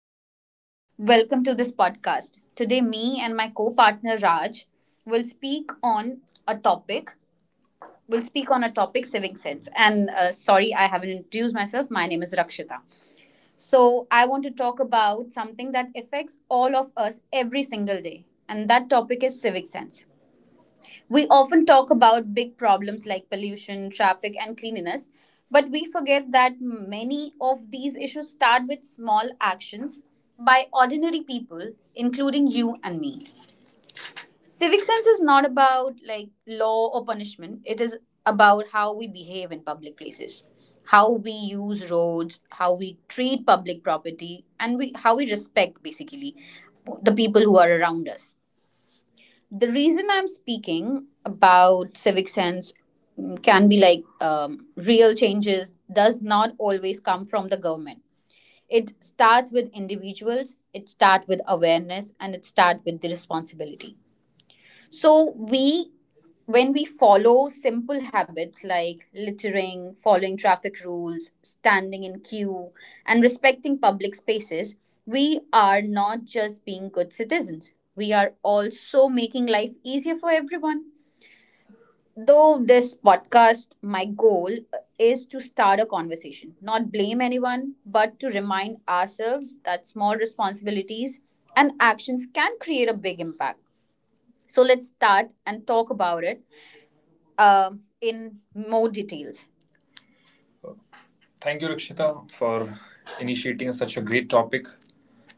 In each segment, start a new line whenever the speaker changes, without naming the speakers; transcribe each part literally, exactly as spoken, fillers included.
everyone. Welcome to this podcast. Today, me and my co-partner Raj will speak on a topic. Will speak on a topic, civic sense. And uh, sorry, I haven't introduced myself. My name is Rakshita. So I want to talk about something that affects all of us every single day, and that topic is civic sense. We often talk about big problems like pollution, traffic, and cleanliness, but we forget that many of these issues start with small actions by ordinary people, including you and me. Civic sense is not about like law or punishment. It is about how we behave in public places, how we use roads, how we treat public property, and we, how we respect basically the people who are around us. The reason I'm speaking about civic sense mm, can be like um, real changes does not always come from the government. It starts with individuals, it starts with awareness, and it starts with the responsibility. So we when we follow simple habits like littering, following traffic rules, standing in queue, and respecting public spaces, we are not just being good citizens. We are also making life easier for everyone. Though this podcast, my goal is to start a conversation, not blame anyone, but to remind ourselves that small responsibilities and actions can create a big impact. So let's start and talk about it um, in more details. Thank you, Rikshita, for initiating such a great topic.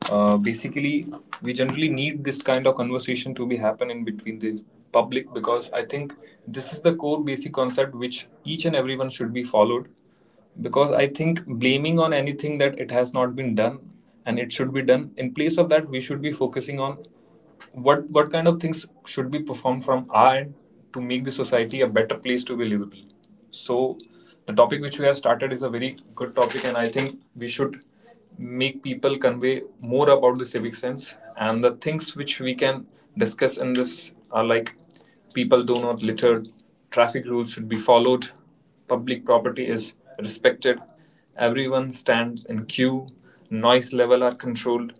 Uh, basically, we generally need this kind of conversation to be happening between the public, because I think this is the core basic concept which each and everyone should be followed. Because I think blaming on anything that it has not been done and it should be done, in place of that, we should be focusing on what what kind of things should be performed from our end to make the society a better place to be livable. So, the topic which we have started is a very good topic, and I think we should make people convey more about the civic sense, and the things which we can discuss in this are, like, people do not litter, traffic rules should be followed, public property is respected, everyone stands in queue, noise level are controlled,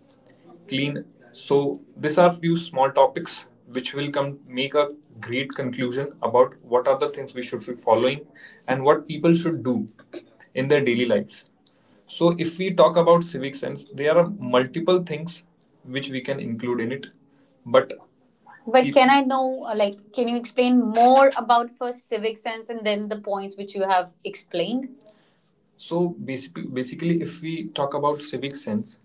clean. So these are few small topics which will come make a great conclusion about what are the things we should be following and what people should do in their daily lives. So if we talk about civic sense, there are multiple things which we can include in it. But But can I know, uh, like, can you explain more about first civic sense and then the points which you have explained? So basically, basically, if we talk about civic sense,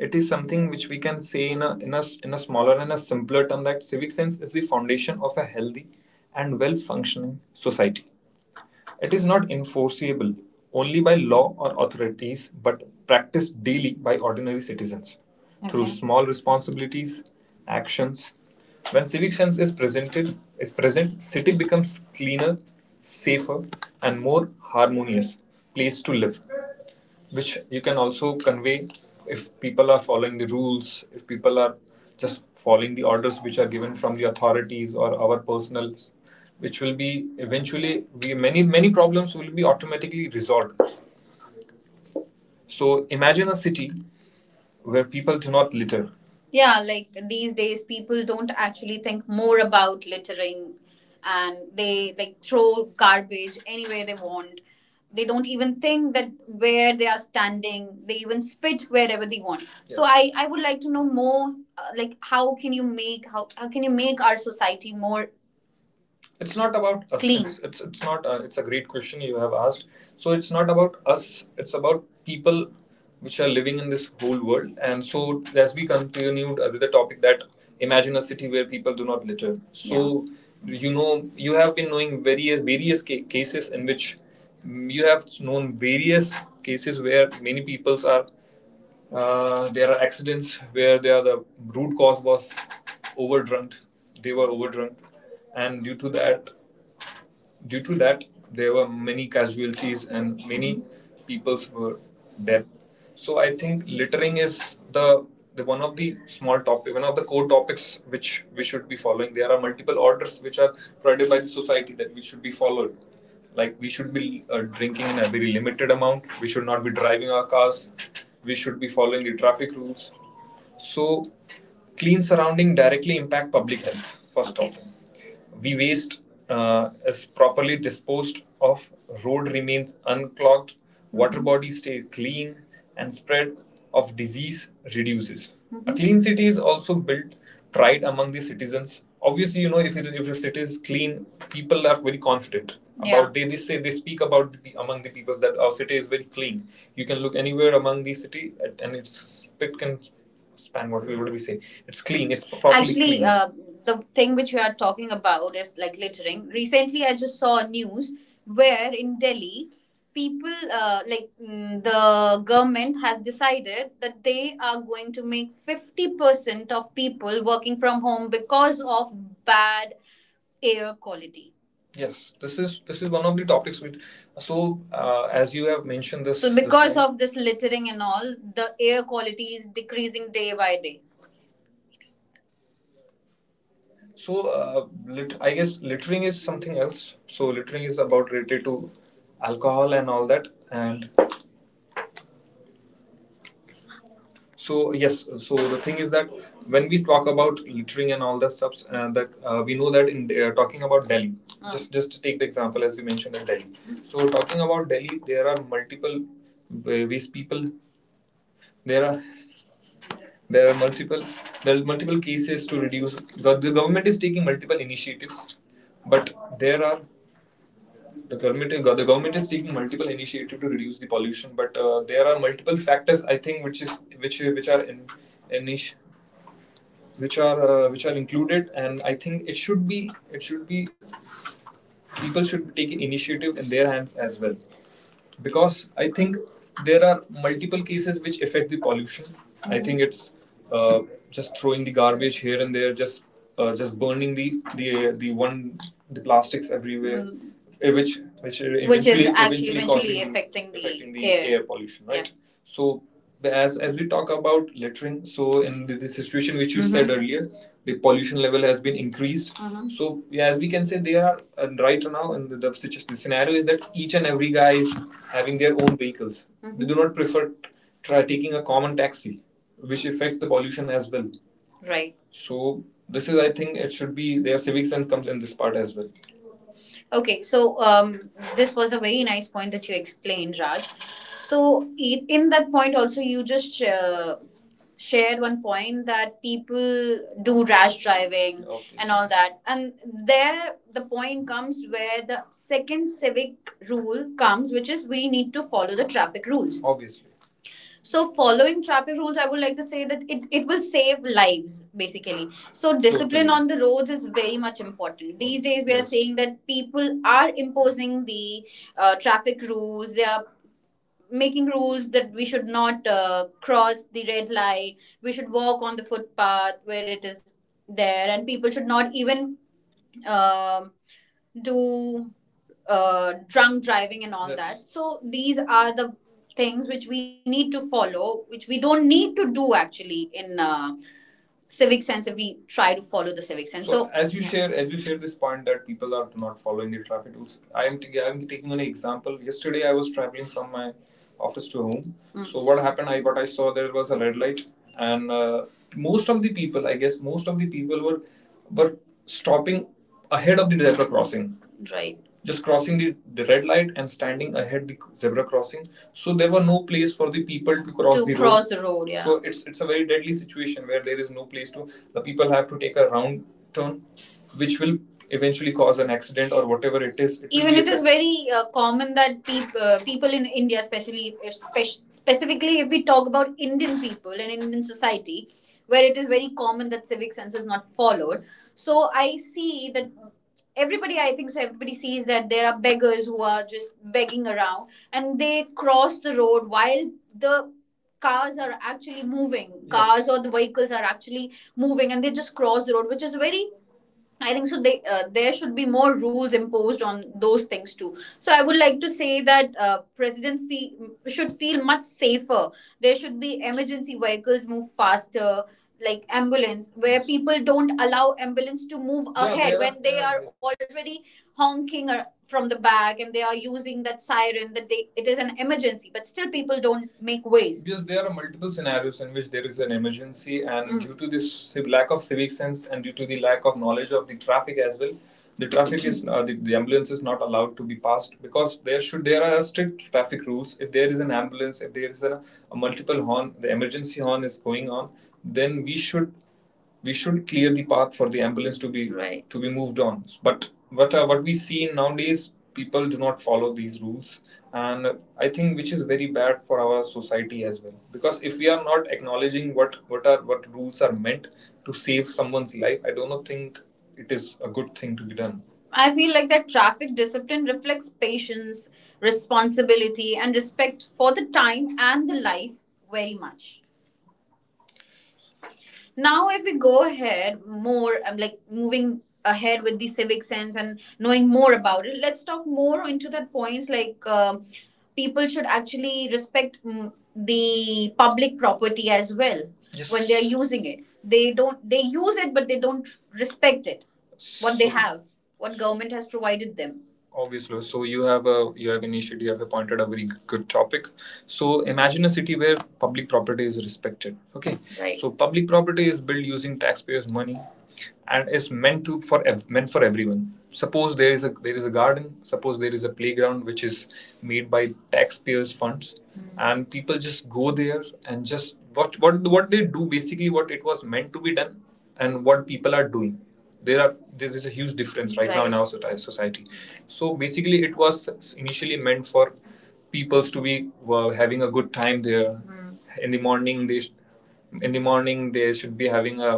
it is something which we can say in a, in a in a smaller and a simpler term that civic sense is the foundation of a healthy and well functioning society. It is not enforceable only by law or authorities, but practiced daily by ordinary citizens, okay, through, okay, small responsibilities, actions. When civic sense is presented, is present, city becomes cleaner, safer, and more harmonious place to live, which you can also convey. If people are following the rules, if people are just following the orders which are given from the authorities or our personnel, which will be eventually we many many problems will be automatically resolved. So imagine a city where people do not litter. Yeah, like these days, people don't actually think more about littering, and they like throw garbage anywhere they want. They don't even think that where they are standing, they even spit wherever they want. So yes. I, I would like to know more, uh, like, how can you make, how, how can you make our society more... it's not about us. Clean. It's it's, it's not uh, it's a great question you have asked. So it's not about us, it's about people which are living in this whole world, and so as we continued uh, with the topic that, imagine a city where people do not litter. So yeah, you know you have been knowing various various ca- cases in which, mm, you have known various cases where many peoples are... uh, there are accidents where they are the root cause was overdrunk, they were overdrunk, and due to that Due to that, there were many casualties, and many peoples were dead. So I think littering is the, the one of the small topic, one of the core topics which we should be following. There are multiple orders which are provided by the society that we should be followed. Like, we should be uh, drinking in a very limited amount. We should not be driving our cars. We should be following the traffic rules. So, clean surrounding directly impact public health. First, okay, off, we waste uh, is properly disposed of. Road remains unclogged. Water bodies stay clean, and spread of disease reduces. Mm-hmm. A clean city is also built pride among the citizens. Obviously, you know if it, if the city is clean, people are very confident, yeah, about they, they say they speak about the, among the peoples that our city is very clean. You can look anywhere among the city, and it's it can span, what we what do we say, it's clean, it's probably, actually, clean. Uh, the thing which we are talking about is like littering. Recently, I just saw news where in Delhi, people uh, like mm, the government has decided that they are going to make fifty percent of people working from home because of bad air quality. Yes, this is this is one of the topics which. So, uh, as you have mentioned this, so, because thing of this littering and all, the air quality is decreasing day by day. So, uh, lit- I guess littering is something else. So, littering is about related to alcohol and all that, and so yes, so the thing is that when we talk about littering and all that stuffs, uh, that uh, we know that in uh, talking about Delhi, mm, just just to take the example as you mentioned in Delhi. So talking about Delhi, there are multiple ways people. There are there are multiple there are multiple cases to reduce. The, the government is taking multiple initiatives, but there are the government, uh, the government is taking multiple initiative to reduce the pollution, but uh, there are multiple factors, I think, which is which which are in. In which are uh, which are included, and I think it should be it should be people should be taking initiative in their hands as well, because I think there are multiple cases which affect the pollution. Mm-hmm. I think it's, uh, just throwing the garbage here and there, just uh, just burning the the uh, the one the plastics everywhere, eh, which which Which is eventually is actually eventually eventually causing affecting the affecting the air. Air pollution, right. Yeah. So as as we talk about littering, so in the, the situation which you, mm-hmm, said earlier, the pollution level has been increased. Mm-hmm. So yeah, as we can say, they are, uh, right now, and the, the, the scenario is that each and every guy is having their own vehicles. Mm-hmm. They do not prefer try taking a common taxi, which affects the pollution as well, right? So this is, I think, it should be their civic sense comes in this part as well. Okay, so um, this was a very nice point that you explained, Raj. So i- in that point also, you just uh, shared one point that people do rash driving, okay, and all that, and there the point comes where the second civic rule comes, which is we need to follow the traffic rules. Obviously. So, following traffic rules, I would like to say that it, it will save lives basically. So, discipline, totally, on the roads is very much important. These days, we are, yes, seeing that people are imposing the uh, traffic rules. They are making rules that we should not uh, cross the red light, we should walk on the footpath where it is there, and people should not even um, do uh, drunk driving and all, yes, that. So these are the things which we need to follow, which we don't need to do actually in uh, civic sense, if we try to follow the civic sense. So, so as you, yeah, share as you share this point that people are not following the traffic rules. I am t- i'm taking an example. Yesterday I was traveling from my office to home. Mm. So what happened, I what I saw: there was a red light, and uh, most of the people, I guess, most of the people were were stopping ahead of the zebra crossing, right, just crossing the, the red light and standing ahead the zebra crossing. So there were no place for the people to cross to the cross road the road. Yeah. So it's it's a very deadly situation where there is no place. To the people have to take a round turn, which will eventually cause an accident or whatever it is, it even, it is very uh, common that peop- uh, people in India, especially spe- specifically if we talk about Indian people and Indian society, where it is very common that civic sense is not followed. So I see that everybody, I think, so everybody sees that there are beggars who are just begging around and they cross the road while the cars are actually moving. Yes. cars Yes. or the vehicles are actually moving, and they just cross the road, which is very. I think so. They, uh, there should be more rules imposed on those things too. So I would like to say that uh, presidency, mm, should feel much safer. There should be emergency vehicles move faster, like ambulance, where people don't allow ambulance to move. Yeah, ahead there are- when they yeah, are, yes, already honking or- from the back, and they are using that siren that they, it is an emergency, but still people don't make ways, because there are multiple scenarios in which there is an emergency, and mm. due to this si-, lack of civic sense, and due to the lack of knowledge of the traffic as well, the traffic is uh, the, the ambulance is not allowed to be passed, because there should there are strict traffic rules. If there is an ambulance, if there is a, a multiple horn, the emergency horn is going on, then we should we should clear the path for the ambulance to be. Right. To be moved on. But what uh, what we see nowadays, people do not follow these rules, and I think which is very bad for our society as well. Because if we are not acknowledging what what are what rules are meant to save someone's life, I do not think it is a good thing to be done. I feel like that traffic discipline reflects patience, responsibility, and respect for the time and the life very much. Now if we go ahead more, I'm like moving ahead with the civic sense and knowing more about it, let's talk more into that points, like um people should actually respect, mm, the public property as well. Yes. When they are using it, they don't, they use it but they don't respect it, what they So- have, what government has provided them. Obviously. So you have a, you have initiated, you have appointed a very good topic. So imagine a city where public property is respected, okay. Right. So public property is built using taxpayers money and is meant to for ev- meant for everyone. Suppose there is a, there is a garden. Suppose there is a playground which is made by taxpayers funds, mm, and people just go there and just what what what they do basically, what it was meant to be done and what people are doing, there are, there is a huge difference, right, right. Now in right, our society. So basically, it was initially meant for people to be were having a good time there, mm, in the morning they sh- in the morning they should be having a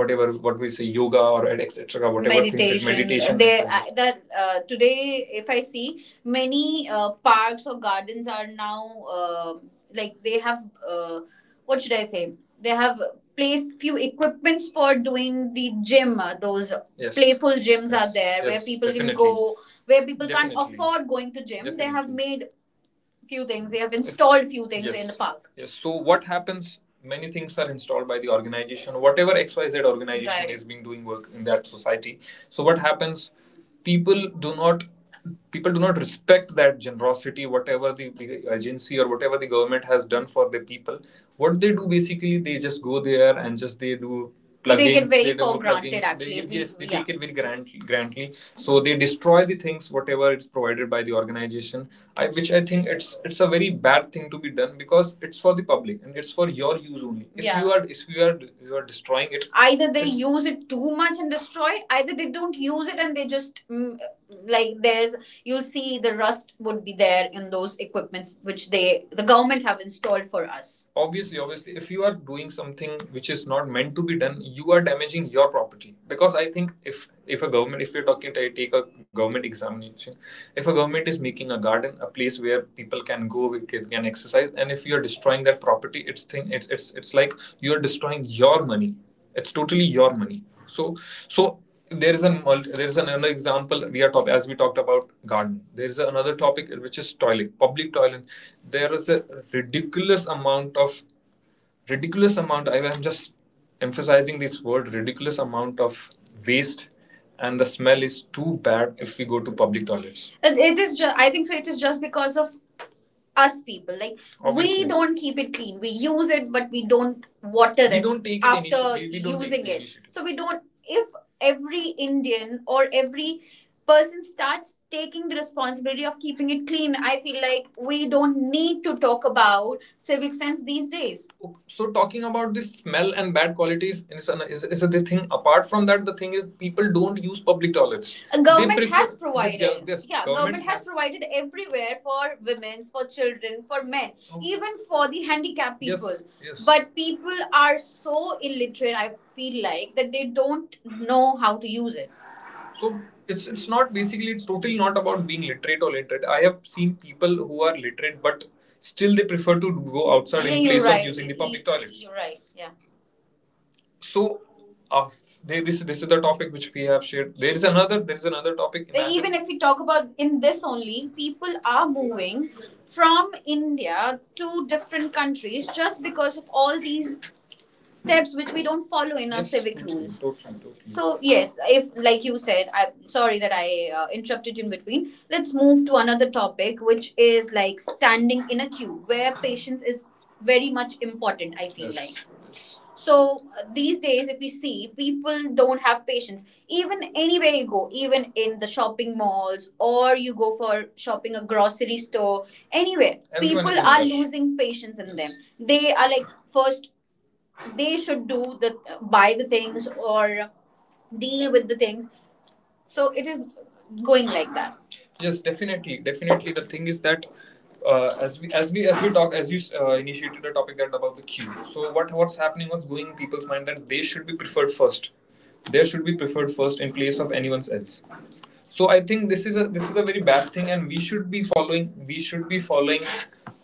whatever what we say yoga or etc whatever meditation, like meditation there, and that uh, today, if I see many uh, parks or gardens are now uh, like they have uh, what should I say? They have placed few equipments for doing the gym. uh, Those, yes, playful gyms, yes, are there, yes, where, yes, people, definitely, can go, where people, definitely, can't afford going to gym. Definitely. They have made few things. They have installed few things, yes, in the, yes, park. Yes. So what happens? Many things are installed by the organization, whatever X Y Z organization, right, is being doing work in that society. So what happens? People do not people do not respect that generosity, whatever the, the agency or whatever the government has done for the people. What they do basically, they just go there and just they do plugins, take it very they for granted, plugins, actually, they give, yes, they, yeah, take it very grant, grantly. So they destroy the things whatever is provided by the organization, I, which I think it's it's a very bad thing to be done, because it's for the public and it's for your use only. If, yeah, you are, if you are, you are destroying it. Either they use it too much and destroy it, either they don't use it and they just, mm, like there's, you'll see the rust would be there in those equipments which they the government have installed for us. Obviously. Obviously, if you are doing something which is not meant to be done, you are damaging your property. Because I think if if a government, if we are talking to take a government examination, if a government is making a garden, a place where people can go, we can can exercise, and if you're destroying that property, it's thing, it's it's, it's like you're destroying your money. It's totally your money. So, so there is an, there is another example. We are talk- as we talked about garden, there is another topic which is toilet, public toilet. There is a ridiculous amount of ridiculous amount, I am just emphasizing this word, ridiculous amount of waste, and the smell is too bad if we go to public toilets. It, it is. Ju- I think so. It is just because of us, people. Like, obviously, we don't keep it clean. We use it, but we don't water we it don't take after initiative. We, we don't using take the it. So we don't. If every Indian or every person starts taking the responsibility of keeping it clean, I feel like we don't need to talk about civic sense these days. So talking about this smell and bad qualities is, an, is, is a the thing. Apart from that, the thing is people don't use public toilets. A government prefer- has, yes, provided. Yes, yes, yeah, government, government has, has provided everywhere for women, for children, for men, oh, even for the handicapped people. Yes, yes. But people are so illiterate, I feel like, that they don't know how to use it. So, it's it's not basically, it's totally not about being literate or literate. I have seen people who are literate but still they prefer to go outside, yeah, in place, right, of using the public toilets. You're right, yeah. So, uh, they, this this is the topic which we have shared. There is another, there is another topic. But even if we talk about in this only, people are moving from India to different countries just because of all these steps which we don't follow in our, yes, civic rules. Totally, totally. So yes, if like you said, I'm sorry that I uh, interrupted in between. Let's move to another topic, which is like standing in a queue, where patience is very much important. I feel, yes, like, so uh, these days, if we see, people don't have patience. Even anywhere you go, even in the shopping malls, or you go for shopping a grocery store, anywhere, everyone is people is in a are rush, losing patience in them. They are like first they should do the buy the things or deal with the things. So it is going like that. Yes, definitely, definitely. The thing is that uh, as we as we as we talk, as you uh, initiated the topic that about the queue. So what, what's happening? What's going in people's mind that they should be preferred first. They should be preferred first in place of anyone else. So I think this is a, this is a very bad thing, and we should be following we should be following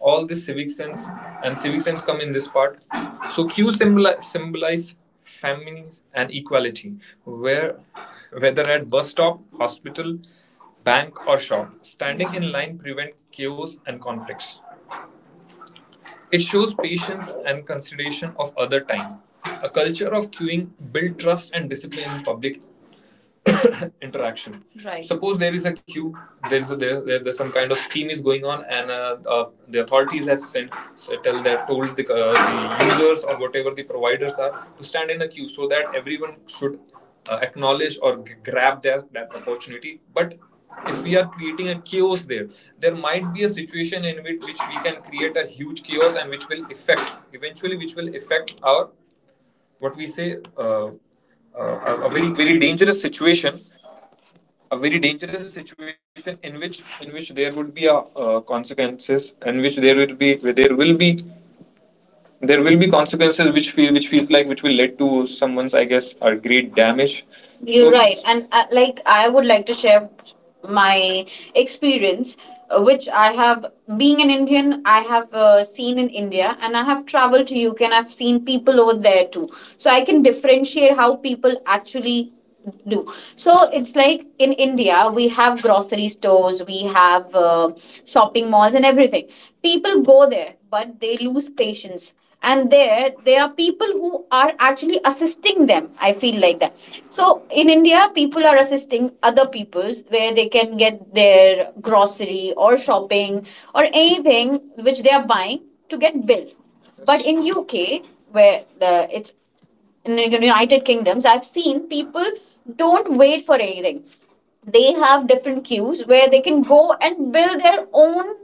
all this civic sense, and civic sense come in this part. So Q symboli- symbolize feminism and equality, where whether at bus stop, hospital, bank or shop, standing in line prevents chaos and conflicts. It shows patience and consideration of other time. A culture of queuing builds trust and discipline in public interaction. Right. Suppose there is a queue, there is a, there, there- there's some kind of scheme is going on, and uh, uh, the authorities has sent, tell they told the, uh, the users or whatever the providers are to stand in the queue so that everyone should uh, acknowledge or g- grab their that opportunity. But if we are creating a chaos there, there might be a situation in which, which we can create a huge chaos and which will affect eventually, which will affect our what we say uh, uh,
a, a
a, a
very
very
very
very
dangerous situation a very dangerous situation in which in which there would be a, uh, consequences in which there will be there will be there will be consequences which feel which feels like which will lead to someone's, I guess, a great damage. You're so right. And uh, like, I would like to share my experience, uh, which I have, being an Indian, I have uh, seen in India and I have traveled to U K and I've seen people over there too. So I can differentiate how people actually do. So it's like in India we have grocery stores, we have uh, shopping malls and everything. People go there but they lose patience, and there there are people who are actually assisting them, I feel like that. So in India people are assisting other peoples where they can get their grocery or shopping or anything which they are buying to get billed. But in UK, where the, it's in the United Kingdoms, I've seen people don't wait for anything. They have different queues where they can go and build their own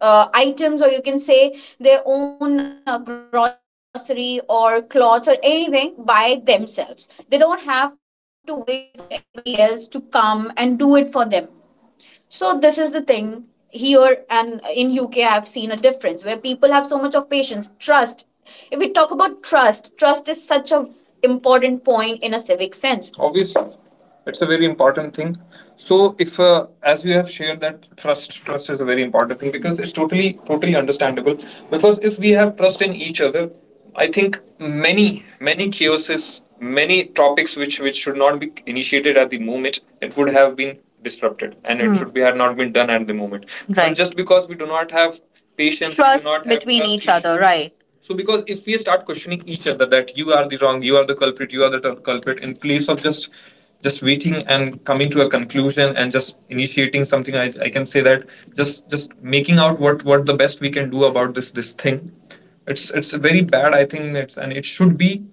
uh, items, or you can say their own uh, grocery or clothes or anything by themselves. They don't have to wait for anybody else to come and do it for them. So this is the thing here, and in U K I have seen a difference where people have so much of patience, trust. If we talk about trust, trust, is such a important point in a civic sense. Obviously it's a very important thing. So if uh, as you have shared that trust trust is a very important thing, because it's totally totally understandable. Because if we have trust in each other, I think many many chaoses, many topics which which should not be initiated at the moment, it would have been disrupted, and mm. it Hmm. should be had not been done at the moment. Not. Right. But just because we do not have patience, trust we do not have between have trust each other, right? So because if we start questioning each other that you are the wrong, you are the culprit, you are the t- culprit, in place of just just waiting and coming to a conclusion and just initiating something, I, I can say that just just making out what what the best we can do about this this thing, it's it's very bad. I think it's and it should be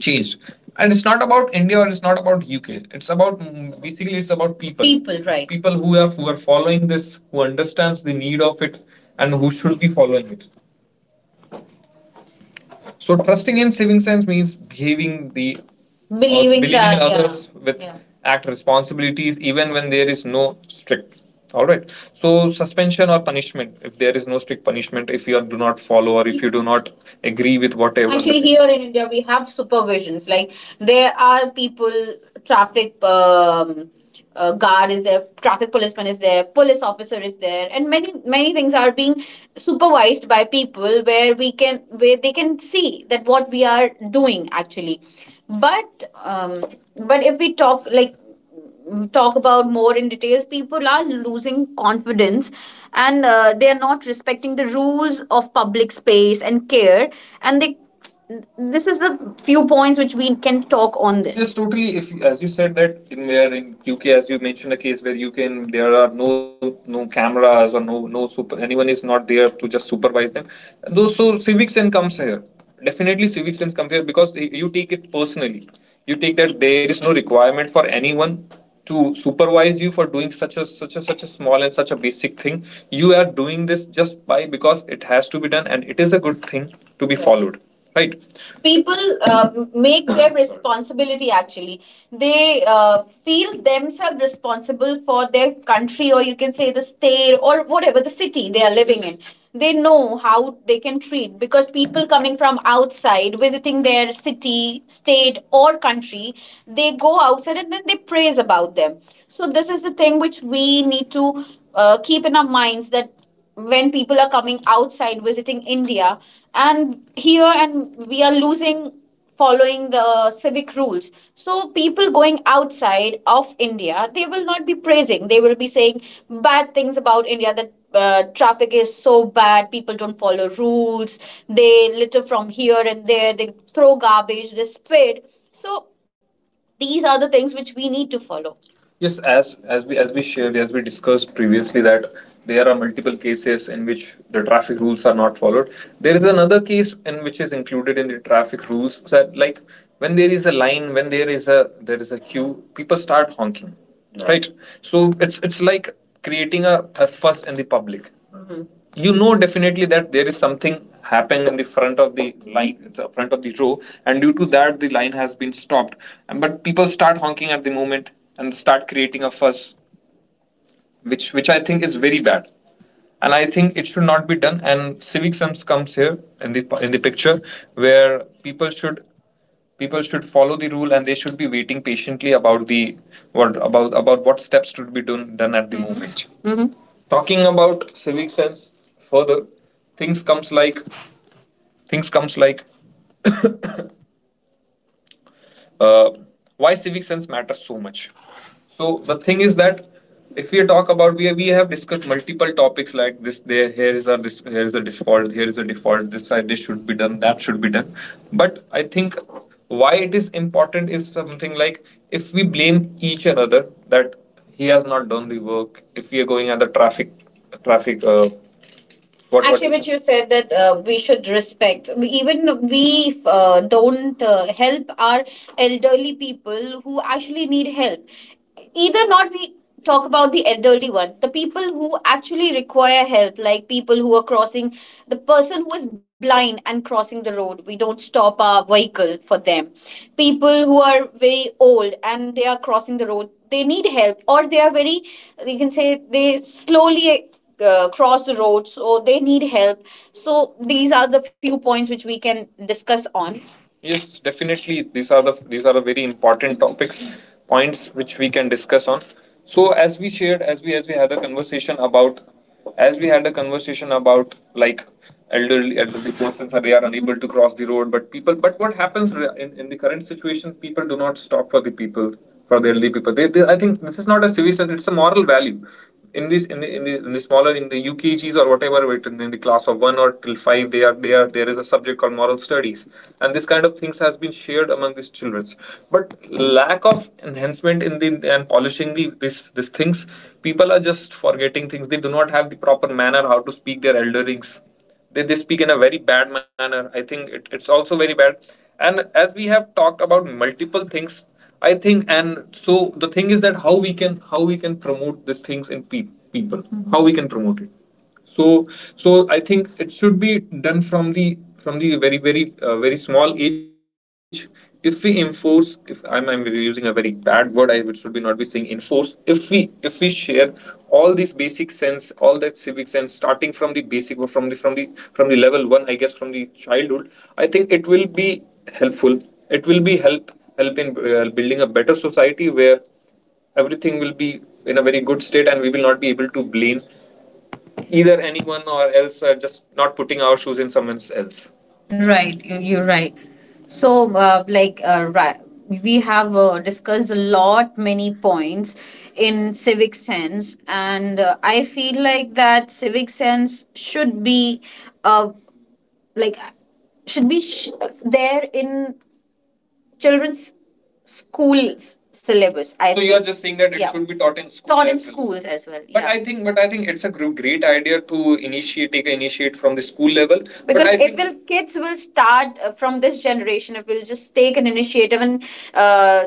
changed. And it's not about India or it's not about U K. It's about mm, basically it's about people. People, right. People who have who are following this, who understands the need of it, and who should be following it. So trusting in saving sense means behaving the Believing believing that, in others, yeah, with. Yeah, act responsibilities even when there is no strict. All right. So suspension or punishment if there is no strict punishment if you are, do not follow or if you do not agree with whatever. Actually, here in India, we have supervisions. Like there are people, traffic um, uh, guard is there, traffic policeman is there, police officer is there, and many many things are being supervised by people where we can where they can see that what we are doing actually. But um, but if we talk like talk about more in details people are losing confidence, and uh, they are not respecting the rules of public space and care, and they this is the few points which we can talk on this. This is totally, if as you said that in where in U K, as you mentioned, a case where you can there are no no cameras or no no super anyone is not there to just supervise them. Those, so civic sense comes here. Definitely, civic sense comes here because you take it personally. You take that there is no requirement for anyone to supervise you for doing such a such a such a small and such a basic thing. You are doing this just by because it has to be done and it is a good thing to be followed, right? People uh, make their responsibility actually. They uh, feel themselves responsible for their country, or you can say the state or whatever the city they are living in. They know how they can treat because people coming from outside visiting their city state or country, they go outside and then they praise about them. So this is the thing which we need to uh, keep in our minds, that when people are coming outside visiting India. And here, and we are losing following the civic rules. So people going outside of India, they will not be praising. They will be saying bad things about India that uh, traffic is so bad, people don't follow rules, they litter from here and there, they throw garbage, they spit. So these are the things which we need to follow. Yes, as as we as we shared, as we discussed previously, that there are multiple cases in which the traffic rules are not followed. There is another case in which is included in the traffic rules that like when there is a line, when there is a there is a queue, people start honking. Right, right? So it's it's like creating a, a fuss in the public. You know definitely that there is something happening in the front of the line, the front of the row, and due to that the line has been stopped, and, but people start honking at the moment and start creating a fuss, which which I think is very bad. And I think it should not be done, and civic sense comes here in the in the picture, where people should people should follow the rule and they should be waiting patiently about the what about about what steps should be done done at the moment. Talking about civic sense further, things comes like things comes like uh, why civic sense matters so much. So the thing is that if we talk about, we we have discussed multiple topics like this, there, here is a dis, here is a default, here is a default this uh, this should be done, that should be done. But I think why it is important is something like if we blame each another that he has not done the work if we are going at the traffic traffic uh, What, actually, what which you said that uh, we should respect. We, even we uh, don't uh, help our elderly people who actually need help. Either not we talk about the elderly one, the people who actually require help, like people who are crossing, the person who is blind and crossing the road. We don't stop our vehicle for them. People who are very old and they are crossing the road. They need help, or they are very, you can say, they slowly uh, cross the road, so they need help. So these are the few points which we can discuss on. Yes, definitely. These are the these are the very important topics, points which we can discuss on. So as we shared, as we as we had a conversation about, as we had a conversation about like elderly elderly persons are they are unable to cross the road, but people. But what happens in in the current situation? People do not stop for the people for the elderly people. They, they, I think this is not a civic sense; it's a moral value. In this, in the, in the, in the smaller, in the U K Gs or whatever, it- in the class of one or till five, they are there. There is a subject called moral studies, and this kind of things has been shared among these children. But lack of enhancement in the and polishing the this these things, people are just forgetting things. They do not have the proper manner how to speak their elderings. they, they speak in a very bad manner. I think it, it's also very bad, and as we have talked about multiple things, I think. And so the thing is that how we can how we can promote these things in pe- people, mm-hmm, how we can promote it. So so I think it should be done from the from the very very uh, very small age. If we enforce, if I'm, I'm using a very bad word, i would- should be not be saying enforce. If we if we share all these basic sense all that civic sense starting from the basic, or from the from the from the level one I guess, from the childhood, I think it will be helpful. It will be help help in uh, building a better society where everything will be in a very good state, and we will not be able to blame either anyone or else, uh, just not putting our shoes in someone else. Right, you- you're right. So, uh, like, uh, ri- we have uh, discussed a lot many points in civic sense, and uh, I feel like that civic sense should be, uh, like, should be sh- there in children's schools syllabus. I So you are just saying that it, yeah, should be taught in schools. Taught in well. Schools as well. But yeah. I think, but I think it's a great idea to initiate, take initiate from the school level. Because if will kids will start uh, from this generation, if we'll just take an initiative and uh,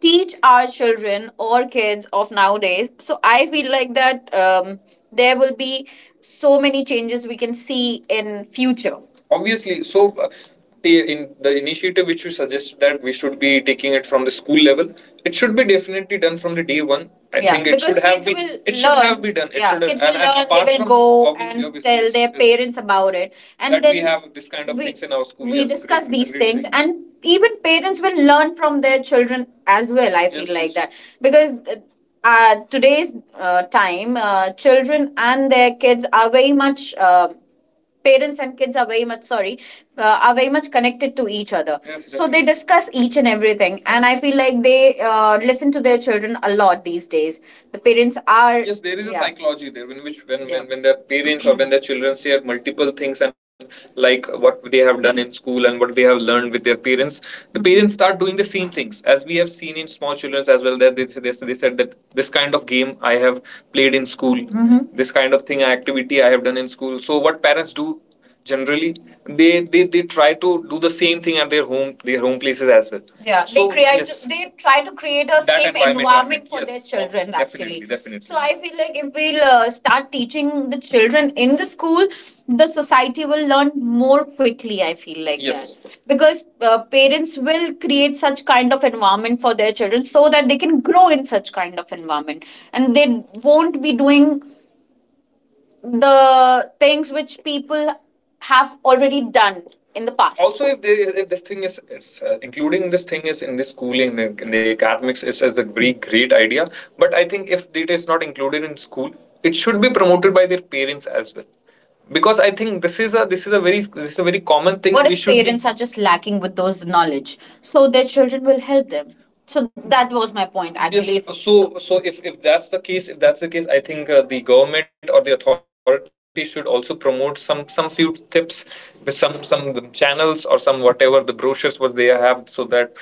teach our children or kids of nowadays. So I feel like that um, there will be so many changes we can see in future obviously. So uh, in the initiative which you suggest that we should be taking it from the school level, it should be definitely done from the day one i yeah, think it should have been will it learn. Should learn. Have been done it yeah, should have, will and, and learn. Apart They will go obviously, and obviously tell their parents about it, and that then we have this kind of we- things in our school we, yes, discuss, correct, these things thing. And even parents will learn from their children as well. I feel, yes, like yes. that because uh, uh, today's uh, time uh, children and their kids are very much uh, parents and kids are very much, sorry, uh, are very much connected to each other. Yes, so they discuss each and everything. Yes. And I feel like they uh, listen to their children a lot these days. The parents are, yes, there is, yeah, a, yeah, psychology there in which, when, yeah, when when their parents or when their children share multiple things, and like what they have done in school and what they have learned with their parents, the, mm-hmm, parents start doing the same things, as we have seen in small children as well, that they, they, they said that this kind of game I have played in school, mm-hmm, this kind of thing activity activity I have done in school. So what parents do, generally, they they, they try to do the same thing at their home their home places as well. Yeah, so they create, yes. They try to create a, that, safe environment, environment, for, yes, their children, definitely, actually, definitely. So I feel like if we'll uh, start teaching the children in the school, the society will learn more quickly. I feel like, yes, that because uh, parents will create such kind of environment for their children, so that they can grow in such kind of environment, and they won't be doing the things which people have already done in the past. Also, if they, if this thing is it's, uh, including this thing is in the schooling, in the, in the academics, it's as a very great idea. But I think if it is not included in school, it should be promoted by their parents as well, because I think this is a, this is a very, this is a very common thing. What we if should be- parents be... are just lacking with those knowledge? So their children will help them. So that was my point actually. Yes. So so if, if that's the case, if that's the case, I think uh, the government or the authorities should also promote some some few tips with some some channels or some, whatever the brochures, what they have, so that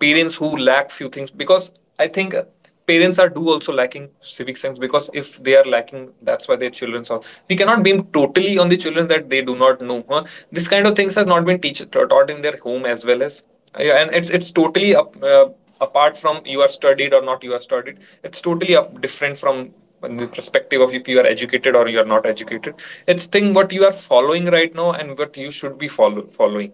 parents who lack few things, because I think uh, parents are, do also lacking civic sense, because if they are lacking, that's why their children are. We cannot blame totally on the children that they do not know, huh? This kind of things has not been teach, taught in their home as well. As, yeah, and it's it's totally up, uh, apart from, you are studied or not, you are studied, it's totally up, different from the perspective of if you are educated or you are not educated. It's thing what you are following right now and what you should be follow, following,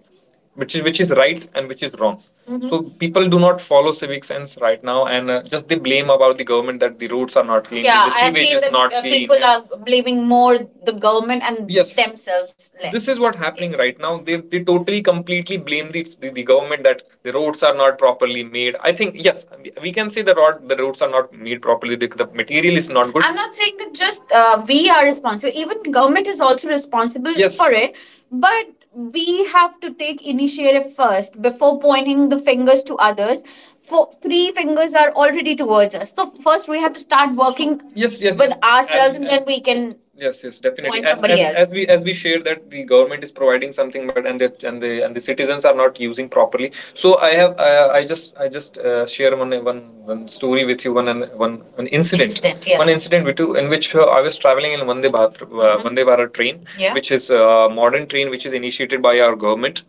which is, which is right and which is wrong. Mm-hmm. So people do not follow civic sense right now, and uh, just they blame about the government that the roads are not clean. Yeah, the I've sewage seen is that not uh, clean. people, yeah, are blaming more the government and, yes, themselves less. This is what happening, yes, right now. They, they totally completely blame the, the, the government that the roads are not properly made. I think, yes, we- we can say the road, the roads are not made properly, the, the material is not good. I'm not saying that just uh, we are responsible. Even government is also responsible, yes, for it. But we have to take initiative first before pointing the fingers to others. For three fingers are already towards us. So first we have to start working, so, yes, yes, with, yes, ourselves, as, and then we can. Yes, yes, definitely. Point, as, somebody, as, else. As we as we share that the government is providing something, but and the and the and the citizens are not using properly. So I have, I, I just I just uh, share one, one, one story with you, one, one, one incident. Incident, yeah. One, one incident, we too, in which uh, I was traveling in Vande Bharat, uh, mm-hmm, Vande Bharat train, yeah, which is a modern train which is initiated by our government.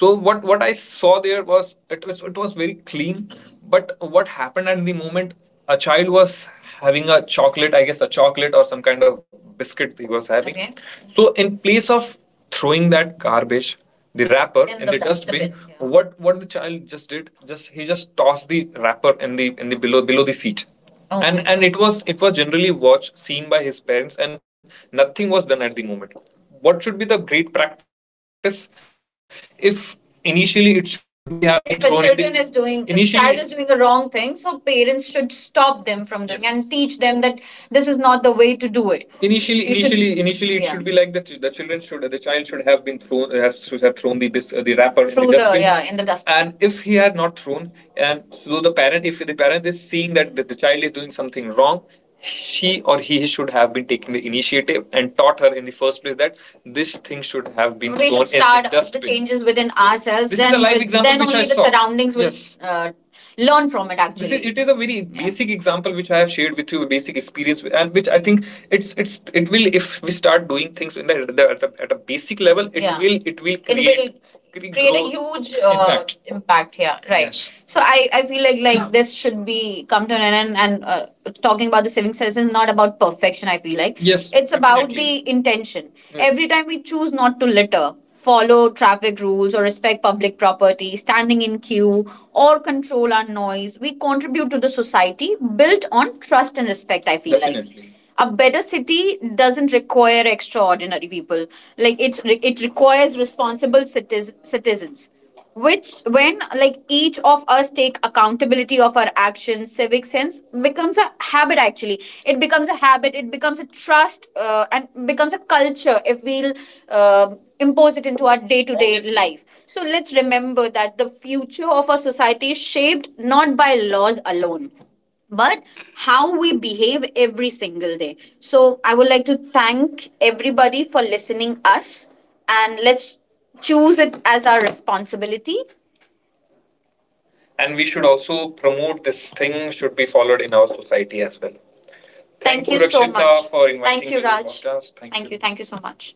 So what what I saw there was, it was it was very clean, but what happened at the moment, a child was having a chocolate, I guess a chocolate or some kind of biscuit he was having. Okay. So in place of throwing that garbage, the wrapper, in, In the, the dustbin, dustbin, yeah, what what the child just did, just he just tossed the wrapper in the, in the, below below the seat. Oh my And and God. It was, it was generally watched seen by his parents, and nothing was done at the moment. What should be the great practice, if initially it should be, have been, if a thrown in the- children the, is doing, if initially child is doing a wrong thing, so parents should stop them from doing, yes, and teach them that this is not the way to do it. Initially, you should, initially, initially, it, yeah, should be like that the children should, the child should have been thrown, have, should have thrown the bis- the wrapper in the, through the dustbin, yeah, in the dustbin. And if he had not thrown, and so the parent, if the parent is seeing that the, the child is doing something wrong, she or he should have been taking the initiative and taught her in the first place that this thing should have been, we should start the the changes within ourselves. This then is a live with- example then, which only I the saw. Surroundings will Yes. Uh, learn from it. Actually, is, it is a very, yeah, basic example which I have shared with you, a basic experience, and which I think it's it's it will, if we start doing things in the, the, at, the at a basic level, it, yeah, will, it will, it create, it will create a huge uh, impact. Impact, here, right, yes. So I, I feel like like this should be come to an end, and, and uh, talking about the saving cess is not about perfection. I feel like, yes, it's about, definitely, the intention. Yes. Every time we choose not to litter, follow traffic rules, or respect public property, standing in queue, or control our noise, we contribute to the society built on trust and respect. I feel, definitely, like a better city doesn't require extraordinary people, like it's re- it requires responsible citiz- citizens, which, when, like, each of us take accountability of our actions, civic sense becomes a habit. Actually, it becomes a habit, it becomes a trust, uh, and becomes a culture, if we'll uh, impose it into our day-to-day life. So let's remember that the future of our society is shaped not by laws alone, but how we behave every single day. So I would like to thank everybody for listening us, and let's choose it as our responsibility, and we should also promote this thing should be followed in our society as well. Thank, thank, you, you so much for inviting, thank you, me, Raj, to this, raj, podcast, thank, thank you you, thank you so much.